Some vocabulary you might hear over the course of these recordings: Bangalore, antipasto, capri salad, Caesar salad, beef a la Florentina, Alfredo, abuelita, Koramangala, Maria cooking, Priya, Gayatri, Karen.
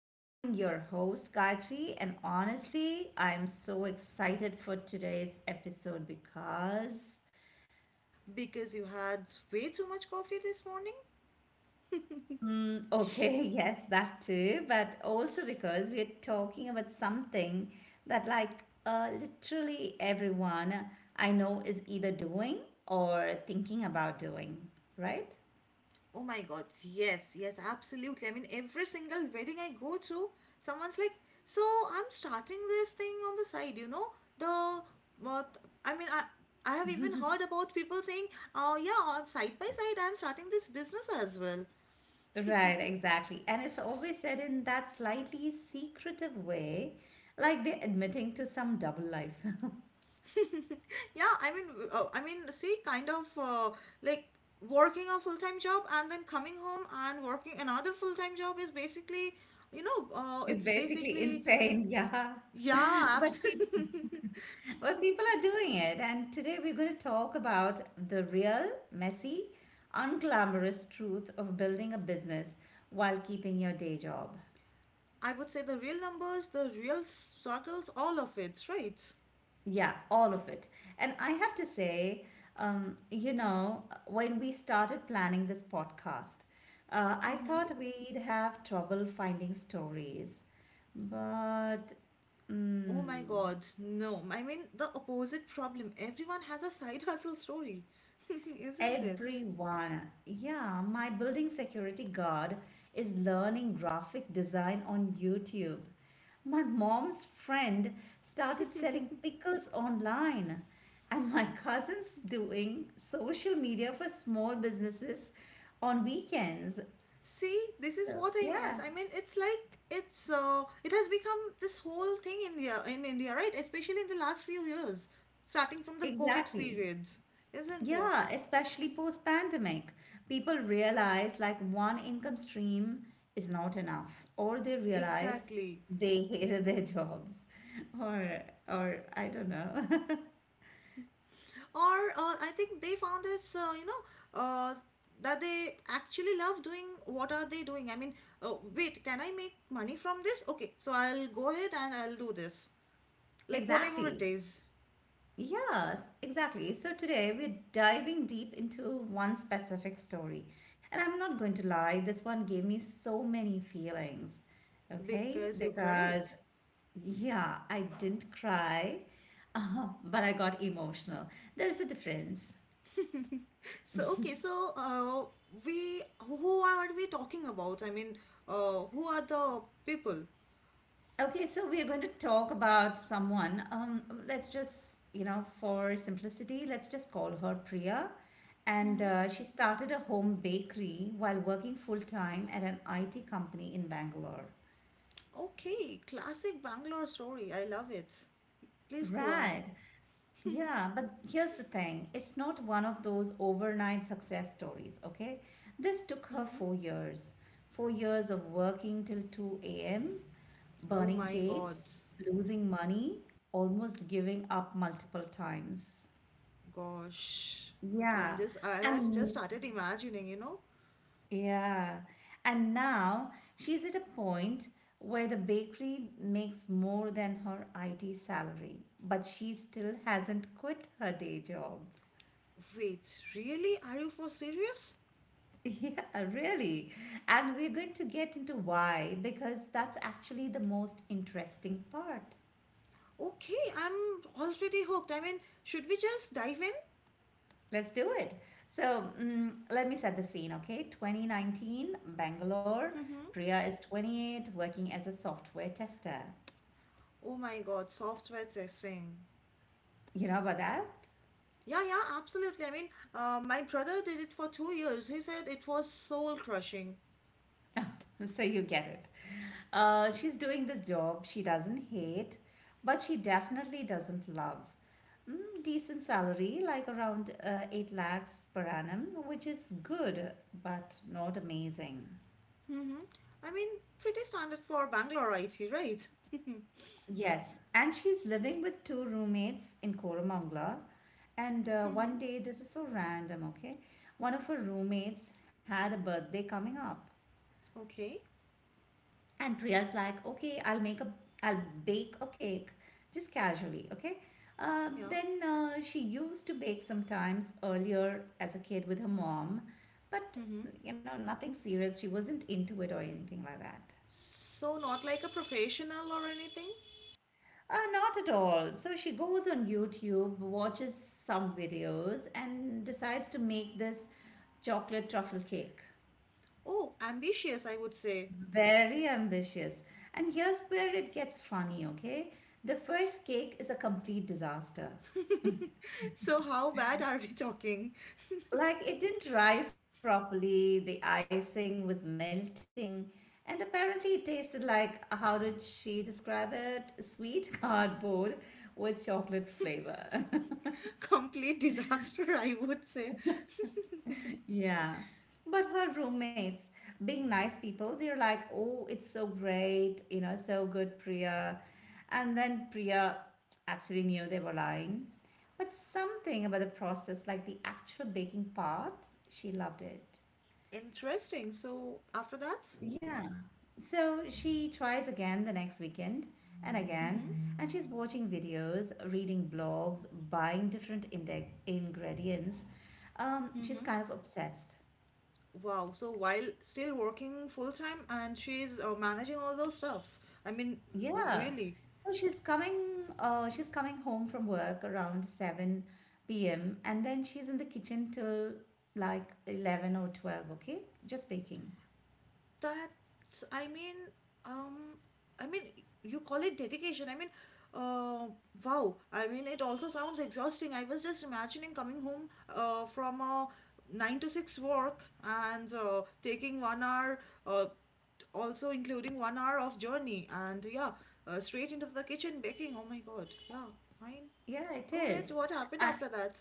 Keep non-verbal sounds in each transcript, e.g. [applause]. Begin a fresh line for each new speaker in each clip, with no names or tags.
I'm your host, Gayatri, and honestly, I'm so excited for today's episode because,
Because you had way too much coffee this morning?
okay, [laughs] yes, that too, but also because we're talking about something that, like, literally everyone I know is either doing or thinking about doing, right?
Oh my god, yes, absolutely. I mean, every single wedding I go to, someone's like, "So I'm starting this thing on the side, The. What, I mean, I, I have even heard about people saying, "Oh yeah, on side by side, I'm starting this business as well."
Right, exactly. And it's always said in that slightly secretive way, like they're admitting to some double life. [laughs]
[laughs] Yeah, I mean, I mean, see, kind of like working a full time job and then coming home and working another full time job is basically,
It's
it's
basically
basically.
insane, yeah.
Yeah,
[laughs] But pe-
absolutely.
but people are doing it, and today we're going to talk about the real, messy, unglamorous truth of building a business while keeping your day job.
[laughs] I would say the real numbers, the real struggles, all of it, right?
Yeah, all of it. And I have to say, when we started planning this podcast, I thought we'd have trouble finding stories. But.
Oh my
mm,
god, no. I mean, the opposite problem. Everyone has a side hustle story, [laughs] isn't it?
Everyone. Yeah, my building security guard is learning graphic design on YouTube. My mom's friend started selling pickles online. And my cousin's doing social media for small businesses on weekends.
See, this is
So,
what I meant.
yeah,
I mean, it's like it's it has become this whole thing in India, right? Especially in the last few years, starting from the COVID
exactly.
periods, isn't it?
Yeah, especially post pandemic. People realize like one income stream is not enough, or they realize
Exactly.
they [laughs] hated their jobs, or I don't know. [laughs]
Or I think they found this you know uh, that they actually love doing what are they doing. I mean, wait, can I make money from this? Okay, so I'll go ahead and I'll do this, like whatever it
Exactly.
is.
Yes, exactly. So today we're diving deep into one specific story. And I'm not going to lie, this one gave me so many feelings. Okay?
Because you
Because,
cried.
yeah, I didn't cry, [laughs] but I got emotional. There's a difference.
So, we who are we talking about? I mean, who are the people?
Okay, so we are going to talk about someone. Let's just, for simplicity, let's just call her Priya. And
Hmm,
she started a home bakery while working full time at an IT company in Bangalore.
okay, classic Bangalore story. I love it. Please go on.
Right. Yeah, but here's the thing, it's not one of those overnight success stories, okay? This took her
Hmm.
4 years. 4 years of working till 2 a.m.,
Oh
burning
my god.
cakes, losing money, almost giving up multiple times.
Gosh. Okay, I'm
Yeah.
just, I have just
And
started imagining, you know.
yeah. And now she's at a point where the bakery makes more than her IT salary, but she still hasn't quit her day job.
Wait, really? Are you for serious?
[laughs] Yeah, really. And we're going to get into why, because that's actually the most interesting part.
Okay, I'm already hooked. I mean, should we just dive in?
Let's do it. So, let me set the scene, okay? 2019, Bangalore.
Mm-hmm.
Priya is 28, working as a software tester.
Oh my God, software testing.
You know about that?
Yeah, absolutely. I mean, my brother did it for 2 years. He said it was soul crushing.
[laughs] So you get it. She's doing this job she doesn't hate, but she definitely doesn't love. Decent salary, like around 8 lakhs per annum, which is good, but not amazing.
Mm-hmm. I mean, pretty standard for Bangalore IT, right?
Yes, and she's living with two roommates in Koramangala. And
Mm-hmm.
one day, this is so random, okay? One of her roommates had a birthday coming up.
Okay,
And Priya's like, okay, I'll bake a cake, just casually, okay? Uh,
yeah.
then uh, she used to bake sometimes earlier as a kid with her mom, but
Mm-hmm.
nothing serious. She wasn't into it or anything like that.
So, not like a professional or anything?
Not at all. So she goes on YouTube, watches some videos, and decides to make this chocolate truffle cake.
Oh, ambitious, I would say.
Very ambitious. And here's where it gets funny, okay? The first cake is a complete disaster.
So, how bad are we talking?
Like, it didn't rise properly, the icing was melting, and apparently it tasted like, how did she describe it? Sweet [laughs] cardboard with chocolate flavor. [laughs]
[laughs] Complete disaster, I would say.
Yeah. But her roommates, being nice people, they're like, oh, it's so great, so good, Priya. And then Priya actually knew they were lying. But something about the process, like the actual baking part, she loved it.
Interesting. So, after that?
Yeah. So she tries again the next weekend and
Mm-hmm.
again, and she's watching videos, reading blogs, buying different ingredients. She's
Mm-hmm.
kind of obsessed.
Wow. So, while still working full time, and she's managing all those stuffs, I mean,
Yeah.
really.
So she's coming home from work around 7 p.m. and then she's in the kitchen till like 11 or 12, okay? Just baking.
That's, um, I mean, you call it dedication. I mean, uh, wow. I mean, it also sounds exhausting. I was just imagining coming home from a nine to six work and taking 1 hour, uh, also including 1 hour of journey, and yeah, straight into the kitchen baking. Oh my God. Yeah, fine.
Yeah, it
Go ahead.
is.
What happened
Uh,
after that?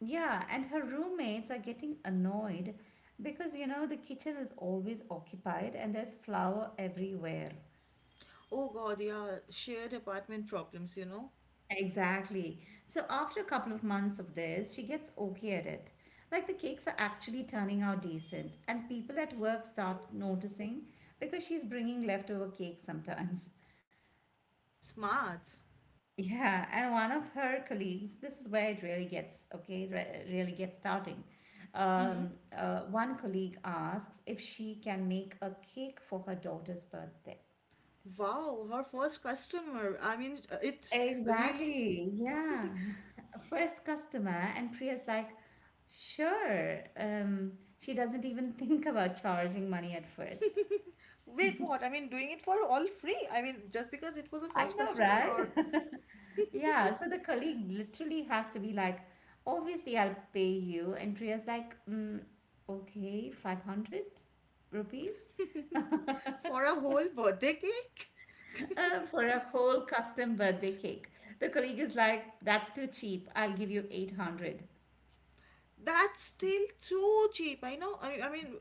yeah, and her roommates are getting annoyed because you know the kitchen is always occupied and there's flour everywhere.
Oh God, yeah, shared apartment problems, you know.
Exactly. So after a couple of months of this, she gets okay at it. Like the cakes are actually turning out decent, and people at work start noticing because she's bringing leftover cakes sometimes. [laughs]
Smart.
Yeah, and one of her colleagues, this is where it really gets okay, really gets starting.
[laughs]
One colleague asks if she can make a cake for her daughter's birthday.
Wow, her first customer. I mean, it's really.
Exactly. Yeah. [laughs] First customer, and Priya's like, sure. She doesn't even [laughs] think about charging money at first.
Wait, what? I mean, doing it for all free. I mean, just because it was a
I
first
know,
customer or.
right? [laughs] Yeah. So the colleague literally has to be like, obviously, I'll pay you. And Priya's like, okay, 500 rupees
For a whole birthday cake?
for a whole custom birthday cake. The colleague is like, that's too cheap. I'll give you 800.
That's still too cheap. I know. I mean,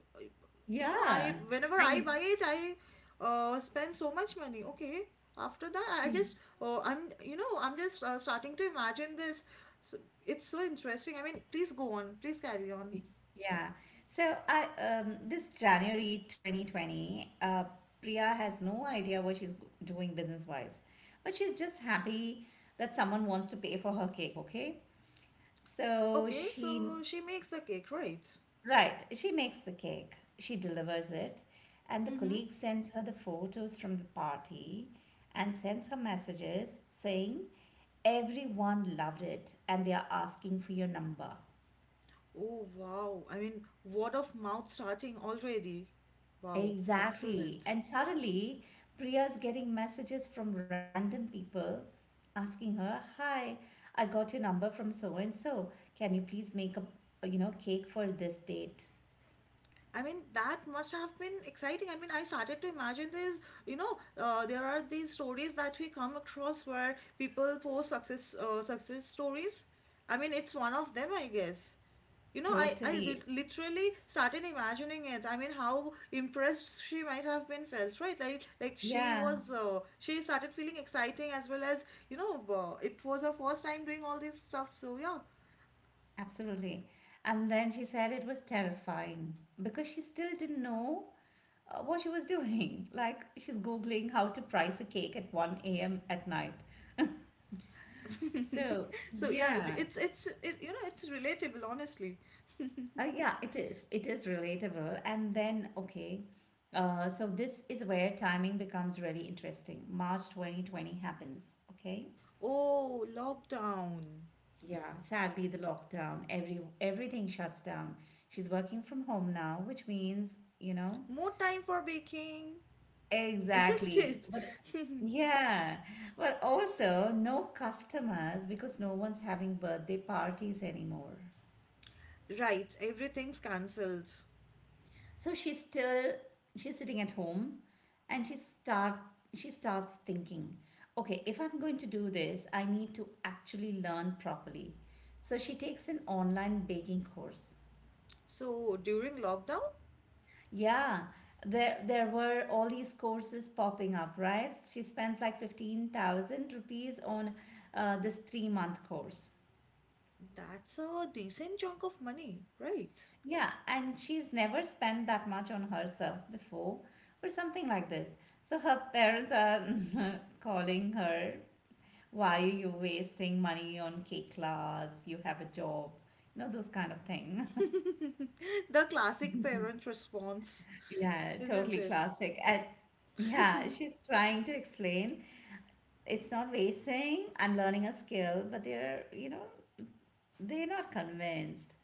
you know,
Yeah.
I,
I
whenever I buy it, I spend so much money. Okay. After that, oh, I'm, I'm just starting to imagine this. So, it's so interesting. I mean, please go on. Please carry on.
Yeah. So I this January 2020, Priya has no idea what she's doing business wise, but she's just happy that someone wants to pay for her cake, okay? So
Okay,
she
so she makes the cake, right?
right, she makes the cake, she delivers it, and the
Mm-hmm.
colleague sends her the photos from the party and sends her messages saying everyone loved it and they are asking for your number.
Oh, wow. I mean, word of mouth starting already. Wow,
Exactly.
excellent.
And suddenly, Priya's getting messages from random people asking her, "Hi, I got your number from so and so. Can you please make a cake for this date?"
I mean, that must have been exciting. I mean, I started to imagine this. You know, there are these stories that we come across where people post success stories. I mean, it's one of them, I guess. You know, I
Totally.
literally started imagining it. I mean, how impressed she might have been felt, right? Like she
Yeah,
was, she started feeling exciting as well as, you know, it was her first time doing all this stuff. So yeah,
absolutely. And then she said it was terrifying because she still didn't know what she was doing. [laughs] Like she's Googling how to price a cake at 1 a.m. at night. So,
[laughs] so yeah,
yeah.
you know, it's relatable, honestly.
Yeah, it is. It is relatable. And then, okay, so this is where timing becomes really interesting. March 2020 happens, okay?
Oh, lockdown.
Yeah, sadly, the lockdown, everything shuts down. She's working from home now, which means.
More time for baking, isn't
Exactly.
it?
But yeah, but also no customers because no one's having birthday parties anymore.
[laughs] Right, everything's cancelled.
So she's sitting at home and she starts thinking, okay, if I'm going to do this, I need to actually learn properly. So she takes an online baking course.
So, during lockdown,
Yeah, there were all these courses popping up, right? She spends like 15,000 rupees on this 3-month course.
that's a decent chunk of money, right?
Yeah, and she's never spent that much on herself before for something like this. So her parents are [laughs] calling her, why are you wasting money on K class? You have a job. Those kind of thing. [laughs]
[laughs] The classic parent response,
Yeah,
isn't
totally
it?
classic. And yeah, she's trying to explain it's not wasting. I'm learning a skill, but they're not convinced.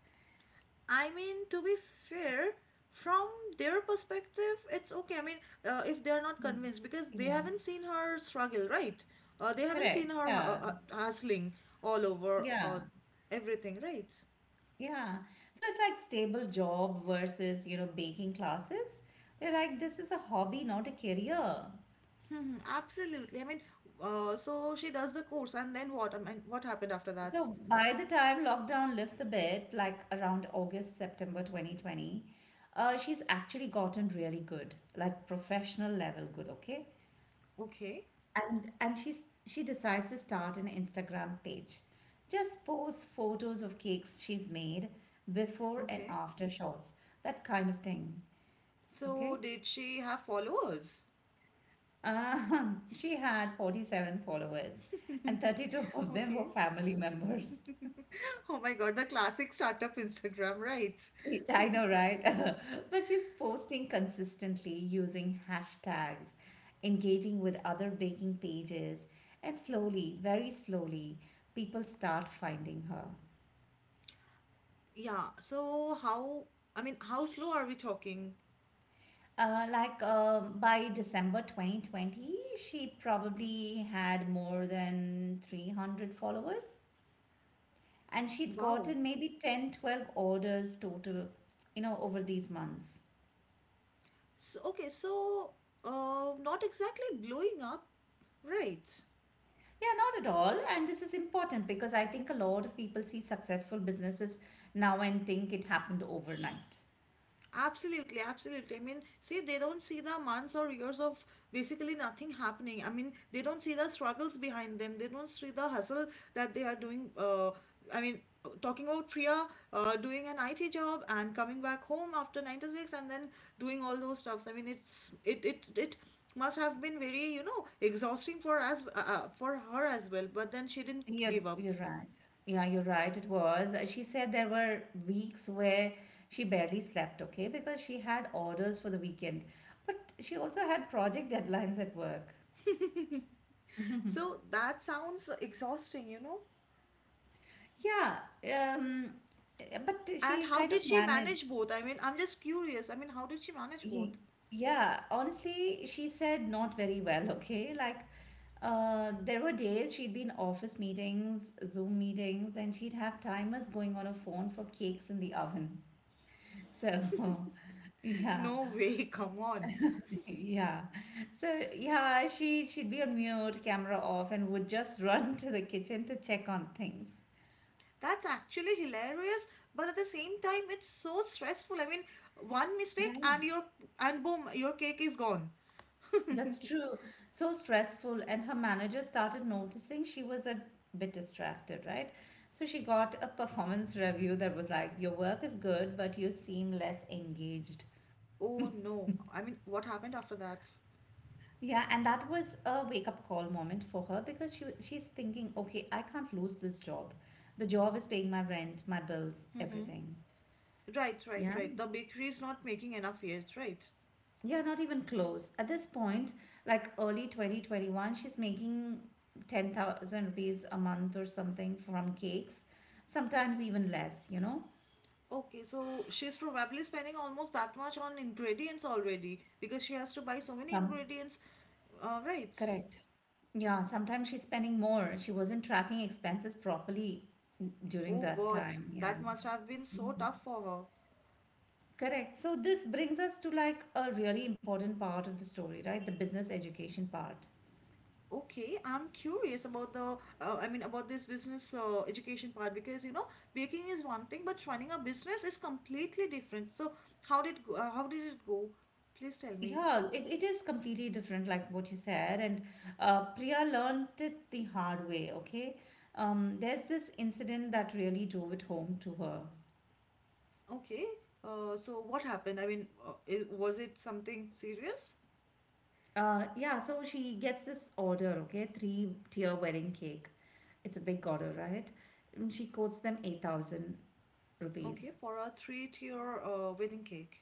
I mean, to be fair, from their perspective, it's okay. I mean, if they're not convinced because they
Yeah,
haven't seen her struggle, right? They haven't
correct.
seen her
Yeah,
hustling all over
yeah.
everything, right?
Yeah. So it's like stable job versus, baking classes. They're like, this is a hobby, not a career.
Hmm, absolutely. I mean, so she does the course, and then what? I mean, what happened after
So
that?
by the time lockdown lifts a bit, like around August, September 2020, she's actually gotten really good, like professional level good, okay?
Okay,
And she decides to start an Instagram page. Just post photos of cakes she's made, before and
okay.
after shots, that kind of thing.
So
Okay?
did she have followers?
[laughs] She had 47 followers,
[laughs]
and 32 of them were
Okay.
family members.
Oh my god, the classic startup Instagram, right?
[laughs] I know, right? [laughs] But she's posting consistently, using hashtags, engaging with other baking pages, and slowly, very slowly, people start finding her.
Yeah, so how, I mean, how slow are we talking?
Like by December 2020, she probably had more than 300 followers. And she'd
Wow.
gotten maybe 10, 12 orders total, over these months.
So, okay, so not exactly blowing up, right?
Yeah, not at all. And this is important because I think a lot of people see successful businesses now and think it happened overnight.
Absolutely, absolutely. I mean, see, they don't see the months or years of basically nothing happening. I mean, they don't see the struggles behind them. They don't see the hustle that they are doing. I mean, talking about Priya doing an IT job and coming back home after 9 to 6 and then doing all those stuffs. I mean, it's it it it must have been very, you know, exhausting for as for her as well, but then she didn't
You're,
give up.
you're right. Yeah, you're right. It was. She said there were weeks where she barely slept, okay, because she had orders for the weekend. But she also had project deadlines at work.
So that sounds exhausting, you know.
Yeah, um, but
And
she
how
kind
did
of
she
managed.
manage both? I mean, I'm just curious. I mean, how did she manage both?
Ye-
[laughs]
Yeah, honestly, she said not very well, [laughs] okay? Like, there were days she'd be in office meetings, Zoom meetings, and she'd have timers going on her phone for cakes in the oven. So, [laughs] yeah,
No way, come on.
[laughs] yeah. So, yeah, she'd be on mute, camera off, and would just [laughs] run to the kitchen to check on things.
That's actually hilarious, but at the same time, it's so stressful. I mean, one
Yeah.
mistake and your and boom, your cake is gone.
That's true. So stressful. And her manager started noticing she was a bit distracted, right? So she got a performance review that was like, your work is good, but you seem less engaged.
Oh no. I mean, what happened after that?
Yeah, and that was a wake-up call moment for her because she's thinking, okay, I can't lose this job. The job is paying my rent, my bills,
Mm-hmm.
everything.
Right,
Yeah.
the bakery is not making enough yet, right?
Yeah, not even close. At this point, like early 2021, she's making 10,000 rupees a month or something from cakes, sometimes even less, you know?
Okay, so she's probably spending almost that much on ingredients already because she has to buy so
Some
many ingredients. Right.
Correct. Yeah, sometimes she's spending more. She wasn't tracking expenses properly
Oh
during that
God,
time.
that
Yeah.
must have been so tough for her.
Correct. So this brings us to like a really important part of the story, right? The business education part.
Okay, I'm curious about I mean, about this business education part, because you know baking is one thing, but running a business is completely different. So how did how did it go? Please tell me.
Yeah, it is completely different, like what you said. And Priya learned it the hard way, okay? There's this incident that really drove it home to her.
Okay, so what happened? I mean, I was it something serious?
Yeah, so she gets this order, okay? Three tier wedding cake. It's a big order, right? And she quotes them 8,000
Okay,
rupees.
for a three-tier wedding cake,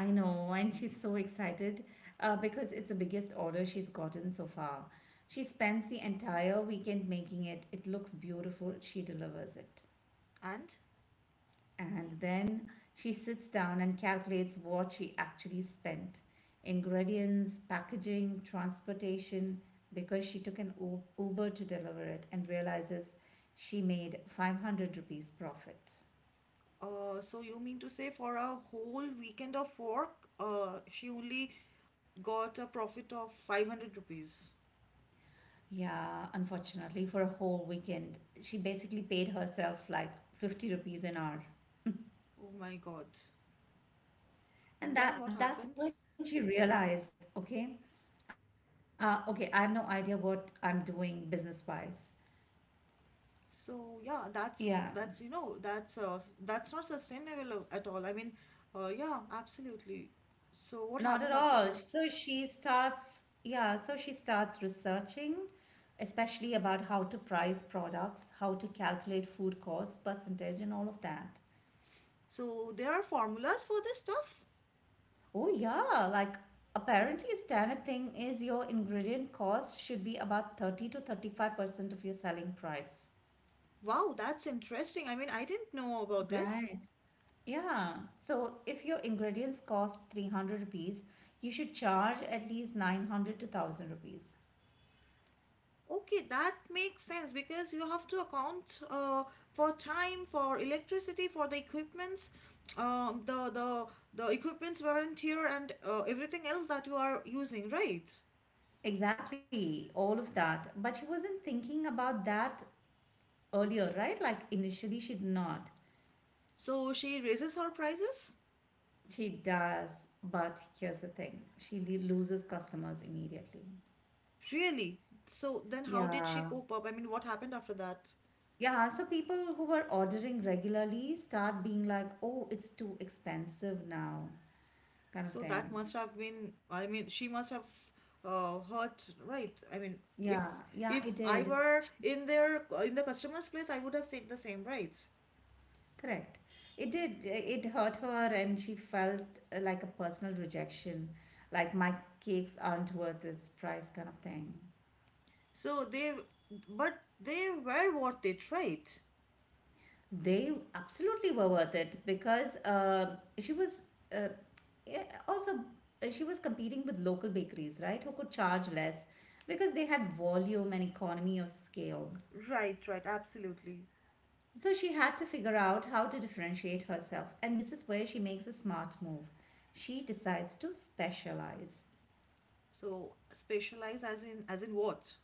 I know, and she's so excited because it's the biggest order she's gotten so far. She spends the entire weekend making it. It looks beautiful. She delivers it.
and.
And then she sits down and calculates what she actually spent: ingredients, packaging, transportation, because she took an Uber to deliver it, and realizes she made 500 rupees profit.
So you mean to say for a whole weekend of work, she only got a profit of 500 rupees.
Yeah, unfortunately, for a whole weekend, she basically paid herself like 50 rupees an hour.
Oh my God.
And
Then
that
what
that's when
happens?
she realized, okay, I have no idea what I'm doing business wise.
So
Yeah,
yeah, that's you know that's not sustainable at all. I mean, yeah, absolutely. So what
not at
happened after
all.
that?
So she starts researching, especially about how to price products, how to calculate food cost percentage, and all of that.
So there are formulas for this stuff?
Oh, yeah, like apparently, a standard thing is your ingredient cost should be about 30 to 35% of your selling price.
Wow, that's interesting. I mean, I didn't know about this.
Right. Yeah. So if your ingredients cost 300 rupees, you should charge at least 900 to 1000 rupees.
Okay, that makes sense because you have to account for time, for electricity, for the equipments, um, the the the equipments weren't here, and everything else that you are using, right?
Exactly, all of that. But she wasn't thinking about that earlier, right? Like initially, she did not.
So she raises her prices?
She does. But here's the thing, she loses customers immediately.
Really? So then how did she
Yeah.
cope up? I mean, what happened after that?
Yeah. So people who were ordering regularly start being like, oh, it's too expensive now, kind of
So that
thing.
must have been, I mean, she must have hurt, right? I mean,
Yeah.
if
Yeah,
if
it
I
did.
were in the customer's place, I would have said the same, right?
Correct. It did. It hurt her, and she felt like a personal rejection, like my cakes aren't worth this price, kind of thing.
So they, but they were worth it, right?
They absolutely were worth it because uh, she was competing with local bakeries, right? Who could charge less because they had volume and economy of scale.
Right, absolutely.
So she had to figure out how to differentiate herself, and this is where she makes a smart move. She decides to specialize.
So specialize as in what?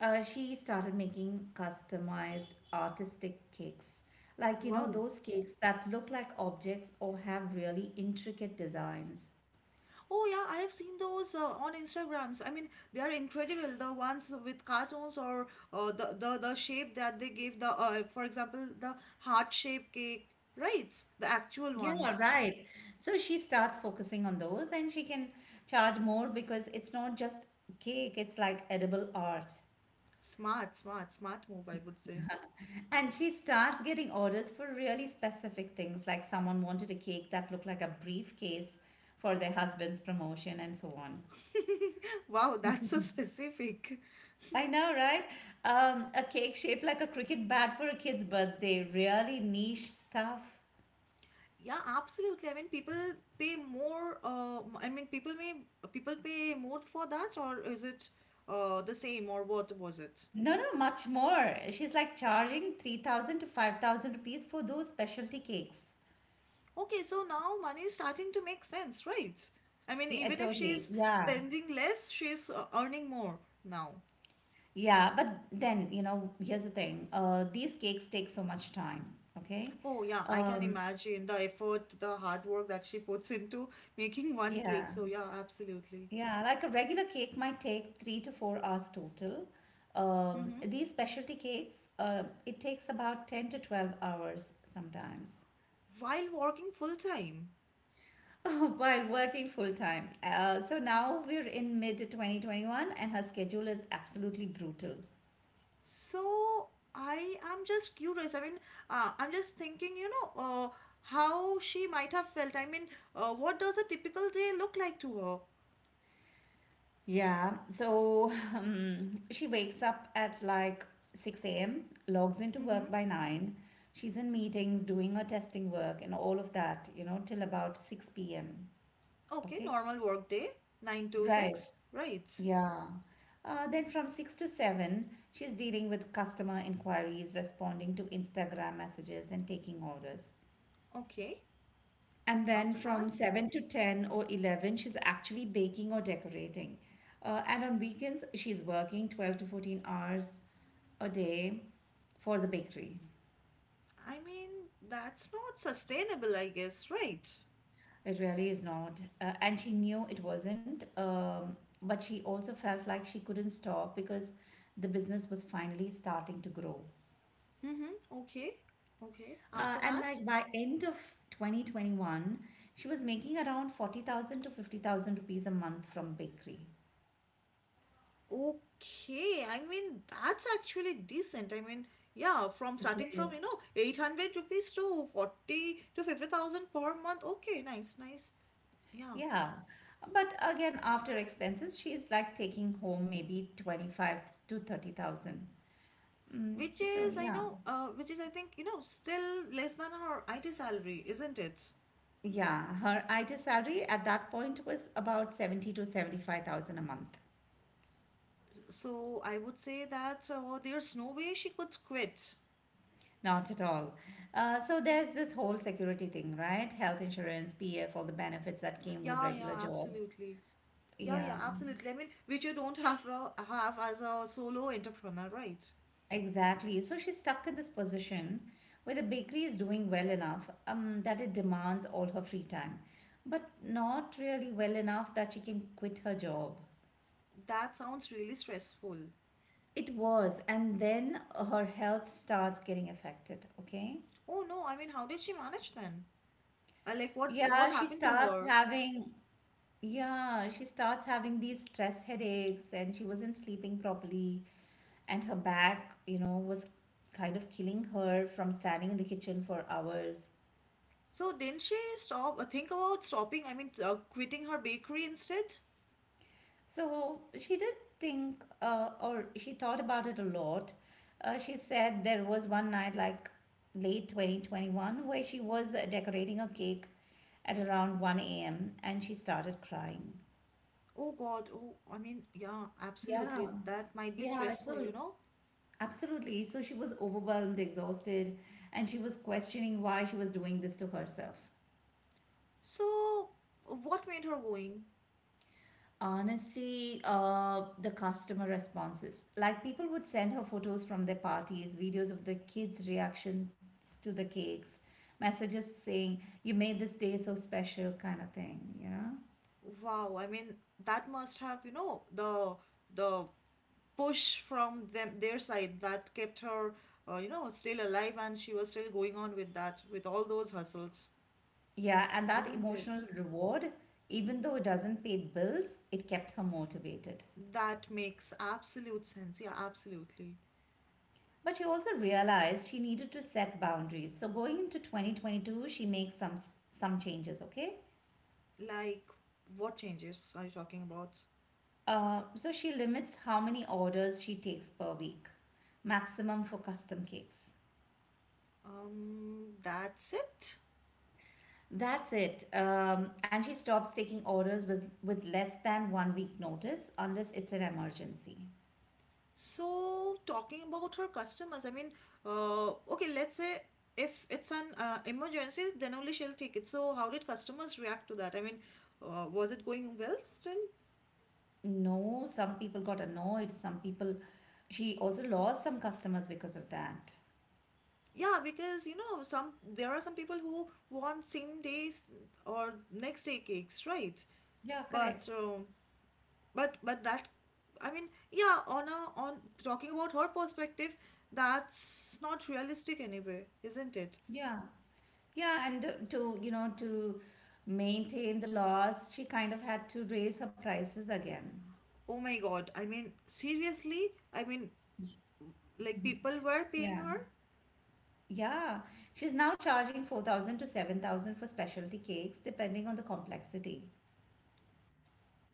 She started making customized artistic cakes. Like, you know,
Wow.
those cakes that look like objects or have really intricate designs.
Oh yeah, I have seen those on Instagrams. I mean, they are incredible. The ones with cartoons or the shape that they give the for example the heart shaped cake, right? The actual
Yeah,
ones.
right. So she starts focusing on those and she can charge more because it's not just cake, it's like edible art.
Smart, smart move, I would say.
And she starts getting orders for really specific things, like someone wanted a cake that looked like a briefcase for their husband's promotion, and so on.
[laughs] Wow, that's so [laughs] specific.
I know, right? A cake shaped like a cricket bat for a kid's birthday. Really niche stuff.
Yeah, absolutely. I mean, people pay more. I mean, people pay more for that, or is it the same, or what was it?
No, no, much more. She's like charging 3,000 to 5,000 rupees for those specialty cakes.
Okay, so now money is starting to make sense, right? I mean,
Yeah,
even if
totally.
she's
Yeah.
spending less, she's earning more now.
Yeah. But then, you know, here's the thing. These cakes take so much time. Okay.
Oh yeah, I can
Um,
imagine the effort, the hard work that she puts into [laughs] making one cake.
yeah.
So yeah, absolutely.
Yeah, like a regular cake might take 3 to 4 hours total.
Mm-hmm.
These specialty cakes, it takes about 10 to 12 hours sometimes
While working full time.
[laughs] while working full time. So now we're in mid 2021 and her schedule is absolutely brutal.
So I am just curious. I mean, I'm just thinking, how she might have felt. I mean, what does a typical day look like to her?
Yeah, so she wakes up at like 6 a.m., logs into
Mm-hmm.
work by 9. She's in meetings, doing her testing work and all of that, you know, till about 6 p.m.
Okay,
Okay.
normal work day, 9 to
Right.
6, right?
Yeah. Then from six to seven, she's dealing with customer inquiries, responding to Instagram messages, and taking orders.
Okay.
And then
After
from
that.
seven to 10 or 11, she's actually baking or decorating. And on weekends, she's working 12 to 14 hours a day for the bakery.
I mean, that's not sustainable, I guess, right?
It really is not. And she knew it wasn't. But she also felt like she couldn't stop because the business was finally starting to grow.
Mm-hmm. Okay. Okay. After
And
that?
like by end of 2021, she was making around 40,000 to 50,000 rupees a month from bakery.
Okay, I mean that's actually decent. I mean, yeah, from
It
starting from
is.
you know 800 rupees to 40 to 50,000 per month. Okay, nice, nice. Yeah,
Yeah. But again, after expenses, she's like taking home maybe 25 to 30,000.
which
So
is, I
yeah.
know, which is, I think, you know, still less than her IT salary, isn't it?
Yeah, her IT salary at that point was about 70 to 75,000 a month.
So I would say that there's no way she could quit.
Not at all. So there's this whole security thing, right? Health insurance, PF, all the benefits that came with
Yeah,
regular job.
absolutely. Yeah,
Yeah.
absolutely. I mean, which you don't have as a solo entrepreneur, right?
Exactly. So she's stuck in this position where the bakery is doing well enough that it demands all her free time, but not really well enough that she can quit her job.
That sounds really stressful.
It was, and then her health starts getting affected, okay?
Oh no, I mean, how did she manage then? Like, what
Yeah, she
happened to
starts
her?
having, yeah, she starts having these stress headaches, and she wasn't sleeping properly, and her back, you know, was kind of killing her from standing in the kitchen for hours.
So didn't she stop? Think about stopping. I mean, quitting her bakery instead.
So she did think, or she thought about it a lot. She said there was one night, like late 2021, where she was decorating a cake at around 1 a.m. and she started crying.
Oh God. Oh, I mean, yeah,
Yeah,
absolutely. That might be
yeah,
stressful,
so
you know.
absolutely. So she was overwhelmed, exhausted, and she was questioning why she was doing this to herself.
So what made her going?
Honestly, the customer responses. Like people would send her photos from their parties, videos of the kids' reactions to the cakes, messages saying, "You made this day so special," kind of thing, you know?
Wow. I mean, that must have, the push from them their side that kept her, still alive, and she was still going on with that with all those hustles,
Yeah, and that
isn't it?
emotional reward, even though it doesn't pay bills, it kept her motivated.
That makes absolute sense. Yeah, absolutely.
But she also realized she needed to set boundaries. So going into 2022, she makes some changes, okay?
Like, what changes are you talking about?
So she limits how many orders she takes per week, maximum for custom cakes.
That's it.
That's it. And she stops taking orders with less than 1 week notice unless it's an emergency.
So, talking about her customers, I mean, okay, let's say if it's an emergency, then only she'll take it. So, how did customers react to that? I mean, was it going well still?
No, some people got annoyed. Some people, she also lost some customers because of that.
Yeah, because you know, some there are some people who want same days or next day cakes, right?
Yeah,
But
correct.
but that, I mean, yeah, on a on talking about her perspective, that's not realistic anyway, isn't it?
Yeah. Yeah, and to, you know, to maintain the loss, she kind of had to raise her prices again.
Oh my God, I mean, seriously, I mean, like, people were paying
Yeah.
her.
Yeah, she's now charging 4,000 to 7,000 for specialty cakes, depending on the complexity.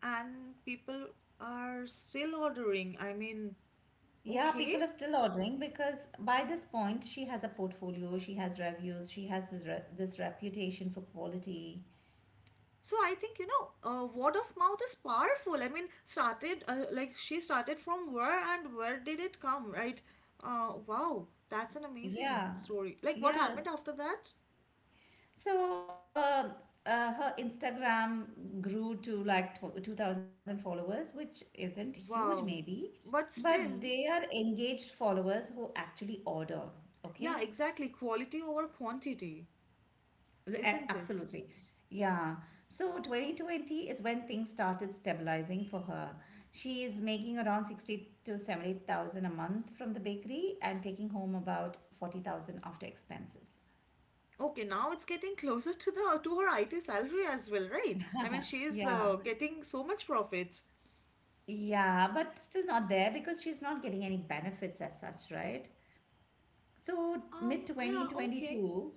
And people are still ordering, I mean.
Yeah, people
Okay,
are still ordering because by this point she has a portfolio, she has reviews, she has this reputation for quality.
so I think, you know, word of mouth is powerful. I mean, started like, she started from where and where did it come, right? Wow, that's an amazing
Yeah,
story. Like, what
yeah.
happened after that?
So her Instagram grew to like tw 2,000 followers, which isn't huge
Wow.
maybe,
But
but
still,
they are engaged followers who actually order.
yeah,
Okay.
exactly. Quality over quantity, isn't it?
Absolutely. Yeah. So 2020 is when things started stabilizing for her. She is making around 60 to 70,000 a month from the bakery and taking home about 40,000 after expenses.
Okay, now it's getting closer to the to her IT salary as well, right? I mean, she is
Yeah.
getting so much profits.
Yeah, but still not there because she's not getting any benefits as such, right? So mid
Yeah, okay.
2022,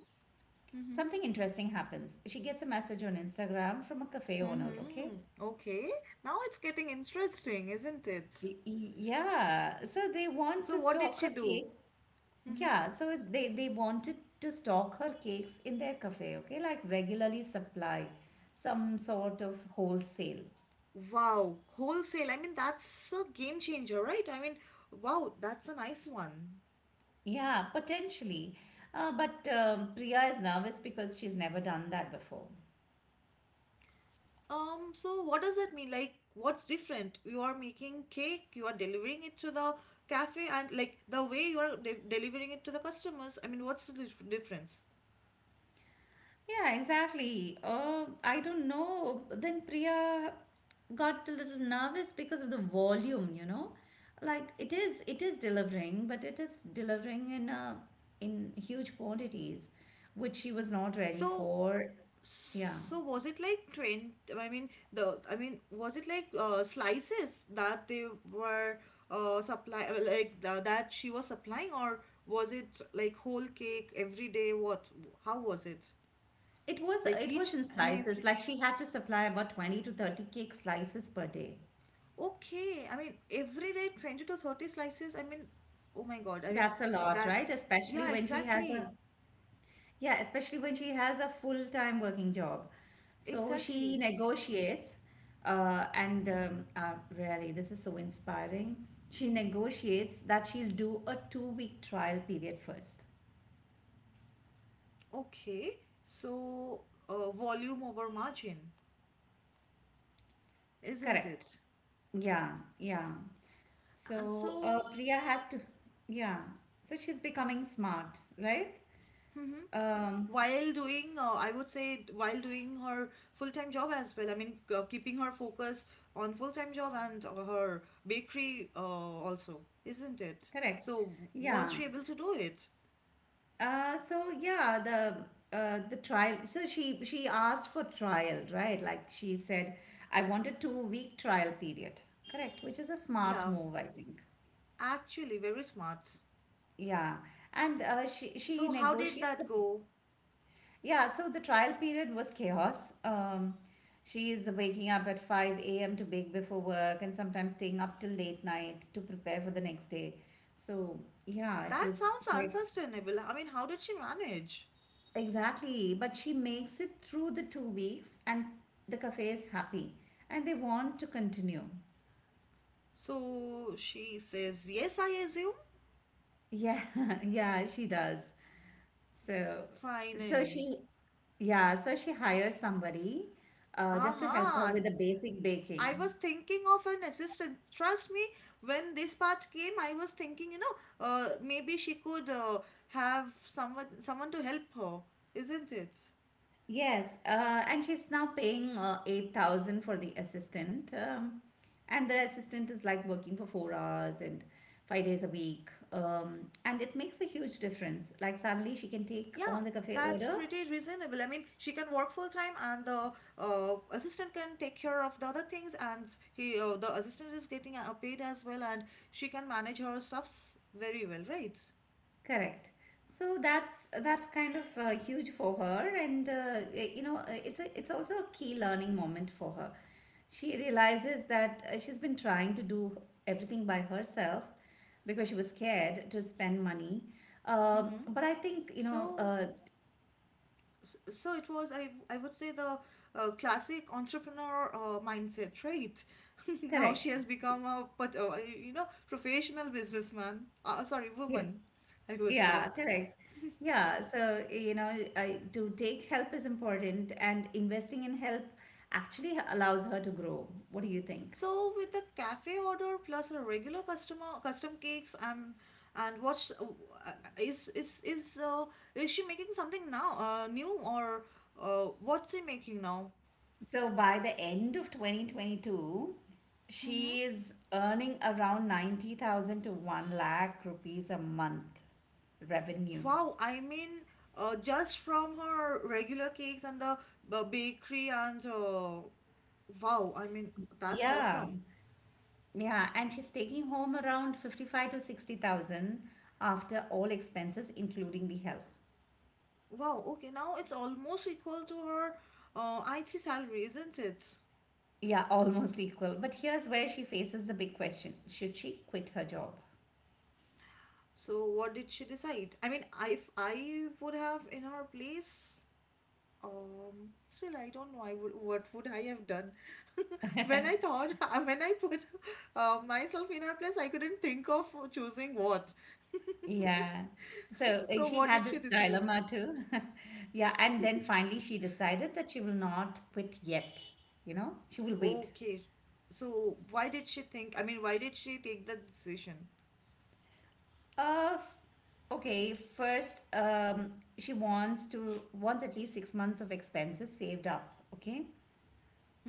something interesting happens. She gets a message on Instagram from a cafe owner, okay?
Mm-hmm. Okay. Now it's getting interesting, isn't it?
Yeah, so they want to
So what did
stock
she
her
do?
cake.
Mm-hmm.
They wanted to stock her cakes in their cafe, okay, like regularly supply some sort of wholesale.
Wow, wholesale. I mean, that's a game changer, right? I mean, wow, that's a nice one.
Yeah, potentially. But Priya is nervous because she's never done that before.
So what does that mean? Like, what's different? You are making cake, you are delivering it to the cafe, and like the way you are delivering it to the customers. I mean, what's the difference?
Yeah, exactly. I don't know. Then Priya got a little nervous because of the volume, you know? Like it is delivering, but it is delivering in huge quantities, which she was not ready
So,
for. Yeah.
so, was it like 20? I mean, the I mean, was it like slices that they were supply like that she was supplying, or was it like whole cake every day? What? How was it?
It was
Like
it was
each
in
and
slices.
every day?
Like she had to supply about 20 to 30 cake slices per day.
Okay, I mean, every day 20 to 30 slices. I mean, oh my God. I mean,
That's a lot, right?
that's,
Especially
yeah,
when she has
exactly.
a Yeah, especially when she has a full-time working job. So she
Exactly.
negotiates, and really, this is so inspiring. She negotiates that she'll do a two-week trial period first.
Okay, so volume over margin, isn't
Correct.
it?
Yeah, yeah.
And
So
so,
Priya has to, yeah. So she's becoming smart, right? Um,
while doing, I would say, while doing her full-time job as well, I mean, keeping her focus on full-time job and her bakery also, isn't it?
correct.
So, was
Yeah.
she able to do it?
So yeah, the trial. So she asked for trial, right? Like she said, I want a 2 week trial period, correct? Which is a smart
Yeah,
move, I think.
actually, very smart.
Yeah, and she
So, how did
negotiates the
that go?
yeah. So the trial period was chaos. She's waking up at 5 a.m. to bake before work, and sometimes staying up till late night to prepare for the next day. So yeah, it
That
was
sounds
quite.
unsustainable. I mean, how did she manage?
Exactly, but she makes it through the 2 weeks and the cafe is happy and they want to continue.
So she says, yes, I assume.
Yeah, [laughs] yeah, she does. So, so
Finally.
she, yeah, so she hires somebody just to help her
Aha.
with the basic
I was
baking.
thinking of an assistant. Trust me, when this part came, I was thinking, you know, maybe she could have someone to help her, isn't it?
Yes, and she's now paying 8,000 for the assistant. And the assistant is like working for 4 hours and 5 days a week. And it makes a huge difference. Like suddenly she can take
Yeah,
on the cafe
that's
order.
pretty reasonable. I mean, she can work full time, and the assistant can take care of the other things, and he the assistant is getting paid as well, and she can manage her stuffs very well, right?
Correct. So that's kind of huge for her, and you know, it's a it's also a key learning moment for her. She realizes that she's been trying to do everything by herself because she was scared to spend money.
Mm-hmm.
But I think you know,
So, so, it was. I would say the classic entrepreneur mindset, right? [laughs] Now she
correct.
has become a but you know, professional businessman. Sorry,
Yeah,
woman. I would say.
yeah, correct. Yeah, so you know, to take help is important, and investing in help actually allows her to grow. What do you think?
So with the cafe order plus a regular customer custom cakes, I'm and what's uh, is is is uh, is she making something now new or what's she making now?
So by the end of 2022,
Mm-hmm.
she is earning around 90,000 to 1 lakh rupees a month revenue.
Wow, I mean, just from her regular cakes and the bakery and wow, I mean, that's
Yeah.
awesome.
Yeah, and she's taking home around 55 to 60,000 after all expenses including the help.
Wow, okay, now it's almost equal to her IT salary, isn't it?
Yeah, [laughs] almost equal. But here's where she faces the big question. Should she quit her job?
So what did she decide? I mean, I- if I would have in her place, still I don't know. I would, what would I have done? [laughs] When I thought, [laughs] when I put myself in her place, I couldn't think of choosing what.
Yeah. So
[laughs] So
she
what did
had
she
this
decide?
dilemma too. [laughs] Yeah. And then finally she decided that she will not quit yet. You know, she will wait.
Okay, so why did she think? I mean, why did she take that decision?
Uh, f- okay. First, wants at least 6 months of expenses saved up. Okay.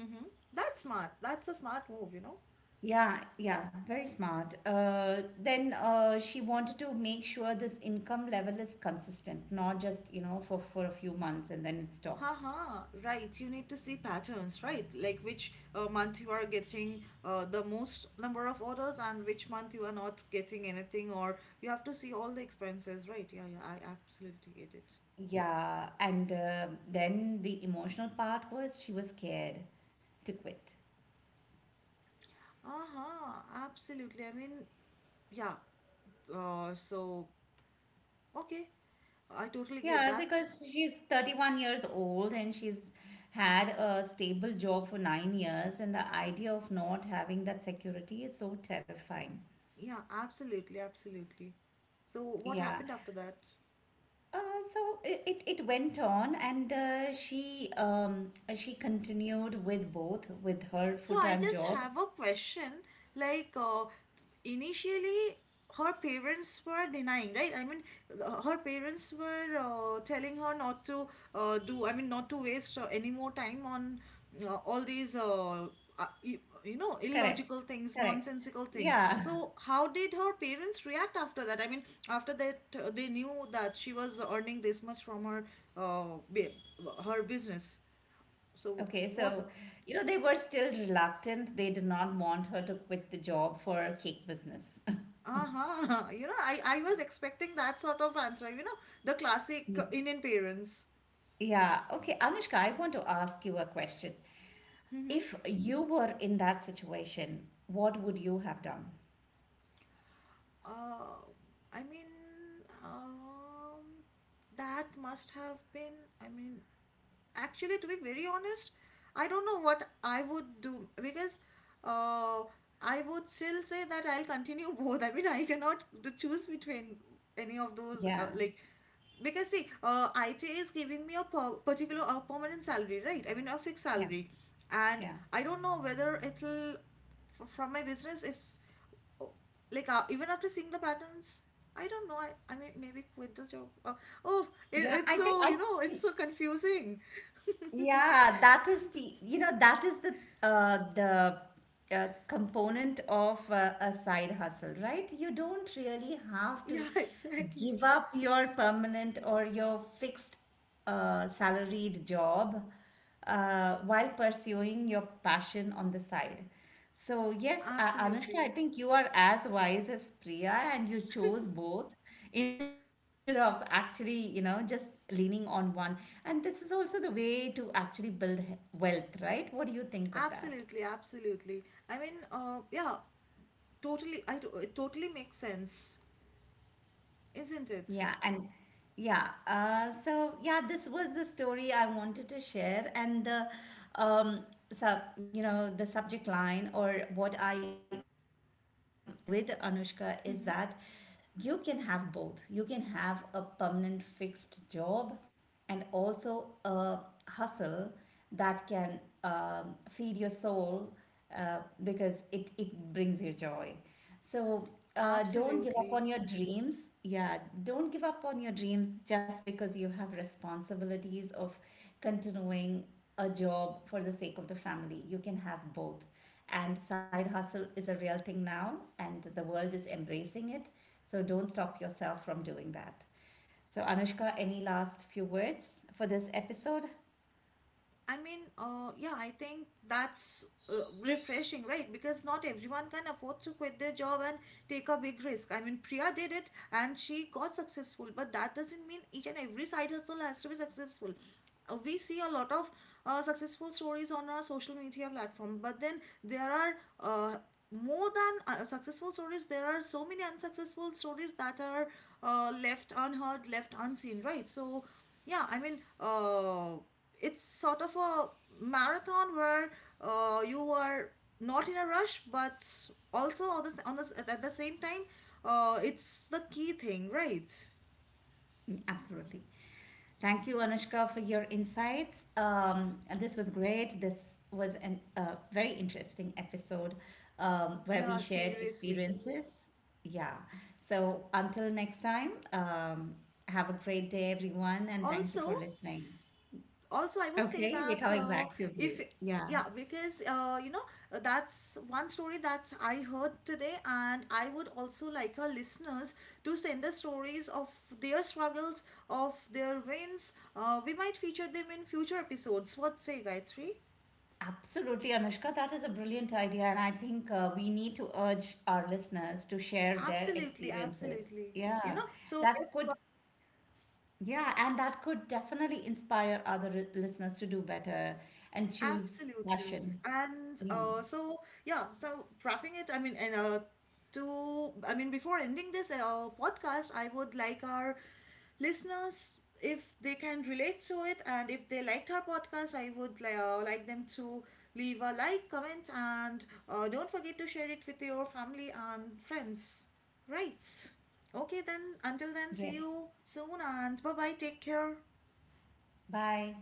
Mm-hmm. That's smart. That's a smart move, you know.
Yeah, yeah, very smart. Then she wanted to make sure this income level is consistent, not just, you know, for a few months and then it stops.
Haha, right. You need to see patterns, right? Like, which month you are getting the most number of orders and which month you are not getting anything, or you have to see all the expenses, right? Yeah, yeah, I absolutely get it.
Yeah, and then the emotional part was she was scared to quit.
Uh-huh, absolutely. I mean, yeah. So, okay, I totally get
Yeah,
that.
because she's 31 years old and she's had a stable job for 9 years, and the idea of not having that security is so terrifying.
Yeah, absolutely, absolutely. So, what
Yeah.
happened after that?
Uh, so it went on, and she continued with both with her
So I
full-time
just
job.
have a question. Like, initially, her parents were denying, right? I mean, her parents were telling her not to do, I mean, not to waste any more time on uh, all these, uh, uh, you, you know,
Correct.
illogical things,
Correct.
nonsensical things.
Yeah.
So how did her parents react after that? I mean, after that, they knew that she was earning this much from her, uh, bi- her business. So
Okay,
what?
so you know they were still reluctant. They did not want her to quit the job for cake business. [laughs]
Uh-huh. [laughs] You know, I was expecting that sort of answer. You know, the classic
Mm.
Indian parents.
Yeah. Okay, Anushka, I want to ask you a question.
Mm-hmm.
If you were in that situation, what would you have done?
Uh, I mean, um, that must have been, I mean, actually, to be very honest, I don't know what I would do because, uh, I would still say that I'll continue [laughs] both. I mean, I cannot choose between any of those.
Yeah,
Like, because see, I T is giving me a particular or permanent salary, right? I mean, a fixed
yeah,
salary, and
yeah.
I don't know whether it'll from my business, if oh, like, even after seeing the patterns, I don't know, I mean, maybe quit this job, oh, it,
Yeah,
it's
I think
so, you
I
know, it's
think
so confusing.
yeah, that is the, you know, that is the component of a side hustle, right? You don't really
[laughs]
have to
Yeah,
give
exactly.
up your permanent or your fixed salaried job while pursuing your passion on the side. So, yes, Anushka, I
Absolutely,
think you are as wise as Priya and you chose both instead of actually, you know, just leaning on one. And this is also the way to actually build wealth, right? What do you think of that?
absolutely. Absolutely, I mean, yeah, totally. It totally makes sense, isn't it?
Yeah, and yeah, so yeah, this was the story I wanted to share, and the so you know the subject line or what I'm attempting to share with Anushka is
Hmm.
that you can have both. You can have a permanent fixed job and also a hustle that can feed your soul because it brings you joy. So don't give up
Absolutely.
on your dreams. Yeah, don't give up on your dreams just because you have responsibilities of continuing a job for the sake of the family. You can have both. And side hustle is a real thing now, and the world is embracing it. So don't stop yourself from doing that. So, Anushka, any last few words for this episode?
I mean, yeah, I think that's refreshing, right? Because not everyone can afford to quit their job and take a big risk. I mean, Priya did it and she got successful, but that doesn't mean each and every side hustle has to be successful. We see a lot of successful stories on our social media platform, but then there are, more than successful stories, there are so many unsuccessful stories that are left unheard, left unseen, right? So, yeah, I mean, it's sort of a marathon where you are not in a rush, but also at the same time, it's the key thing, right?
Mm, absolutely. Thank you, Anushka, for your insights. And this was great. This was a very interesting episode where we
Yeah,
shared
seriously.
experiences. Yeah. So until next time, have a great day, everyone, and thank you for
Also,
listening.
I would say
Okay, we're
that,
coming back to
if
you. Yeah.
yeah because you know, that's one story that I heard today, and I would also like our listeners to send us stories of their struggles, of their wins. Uh, we might feature them in future episodes. What say, Gayatri?
Absolutely, Anushka, that is a brilliant idea. And I think we need to urge our listeners to share their
Absolutely,
experiences.
absolutely. You
Yeah,
know, so
that
if
could, yeah, and that could definitely inspire other listeners to do better and choose
absolutely.
passion.
And
Yeah,
so, yeah, so wrapping it, I mean, and I mean, before ending this podcast, I would like our listeners, if they can relate to it and if they liked our podcast, I would like them to leave a like, comment, and don't forget to share it with your family and friends. Right. Okay, then, until then, see
yes.
you soon and bye bye. Take care.
Bye.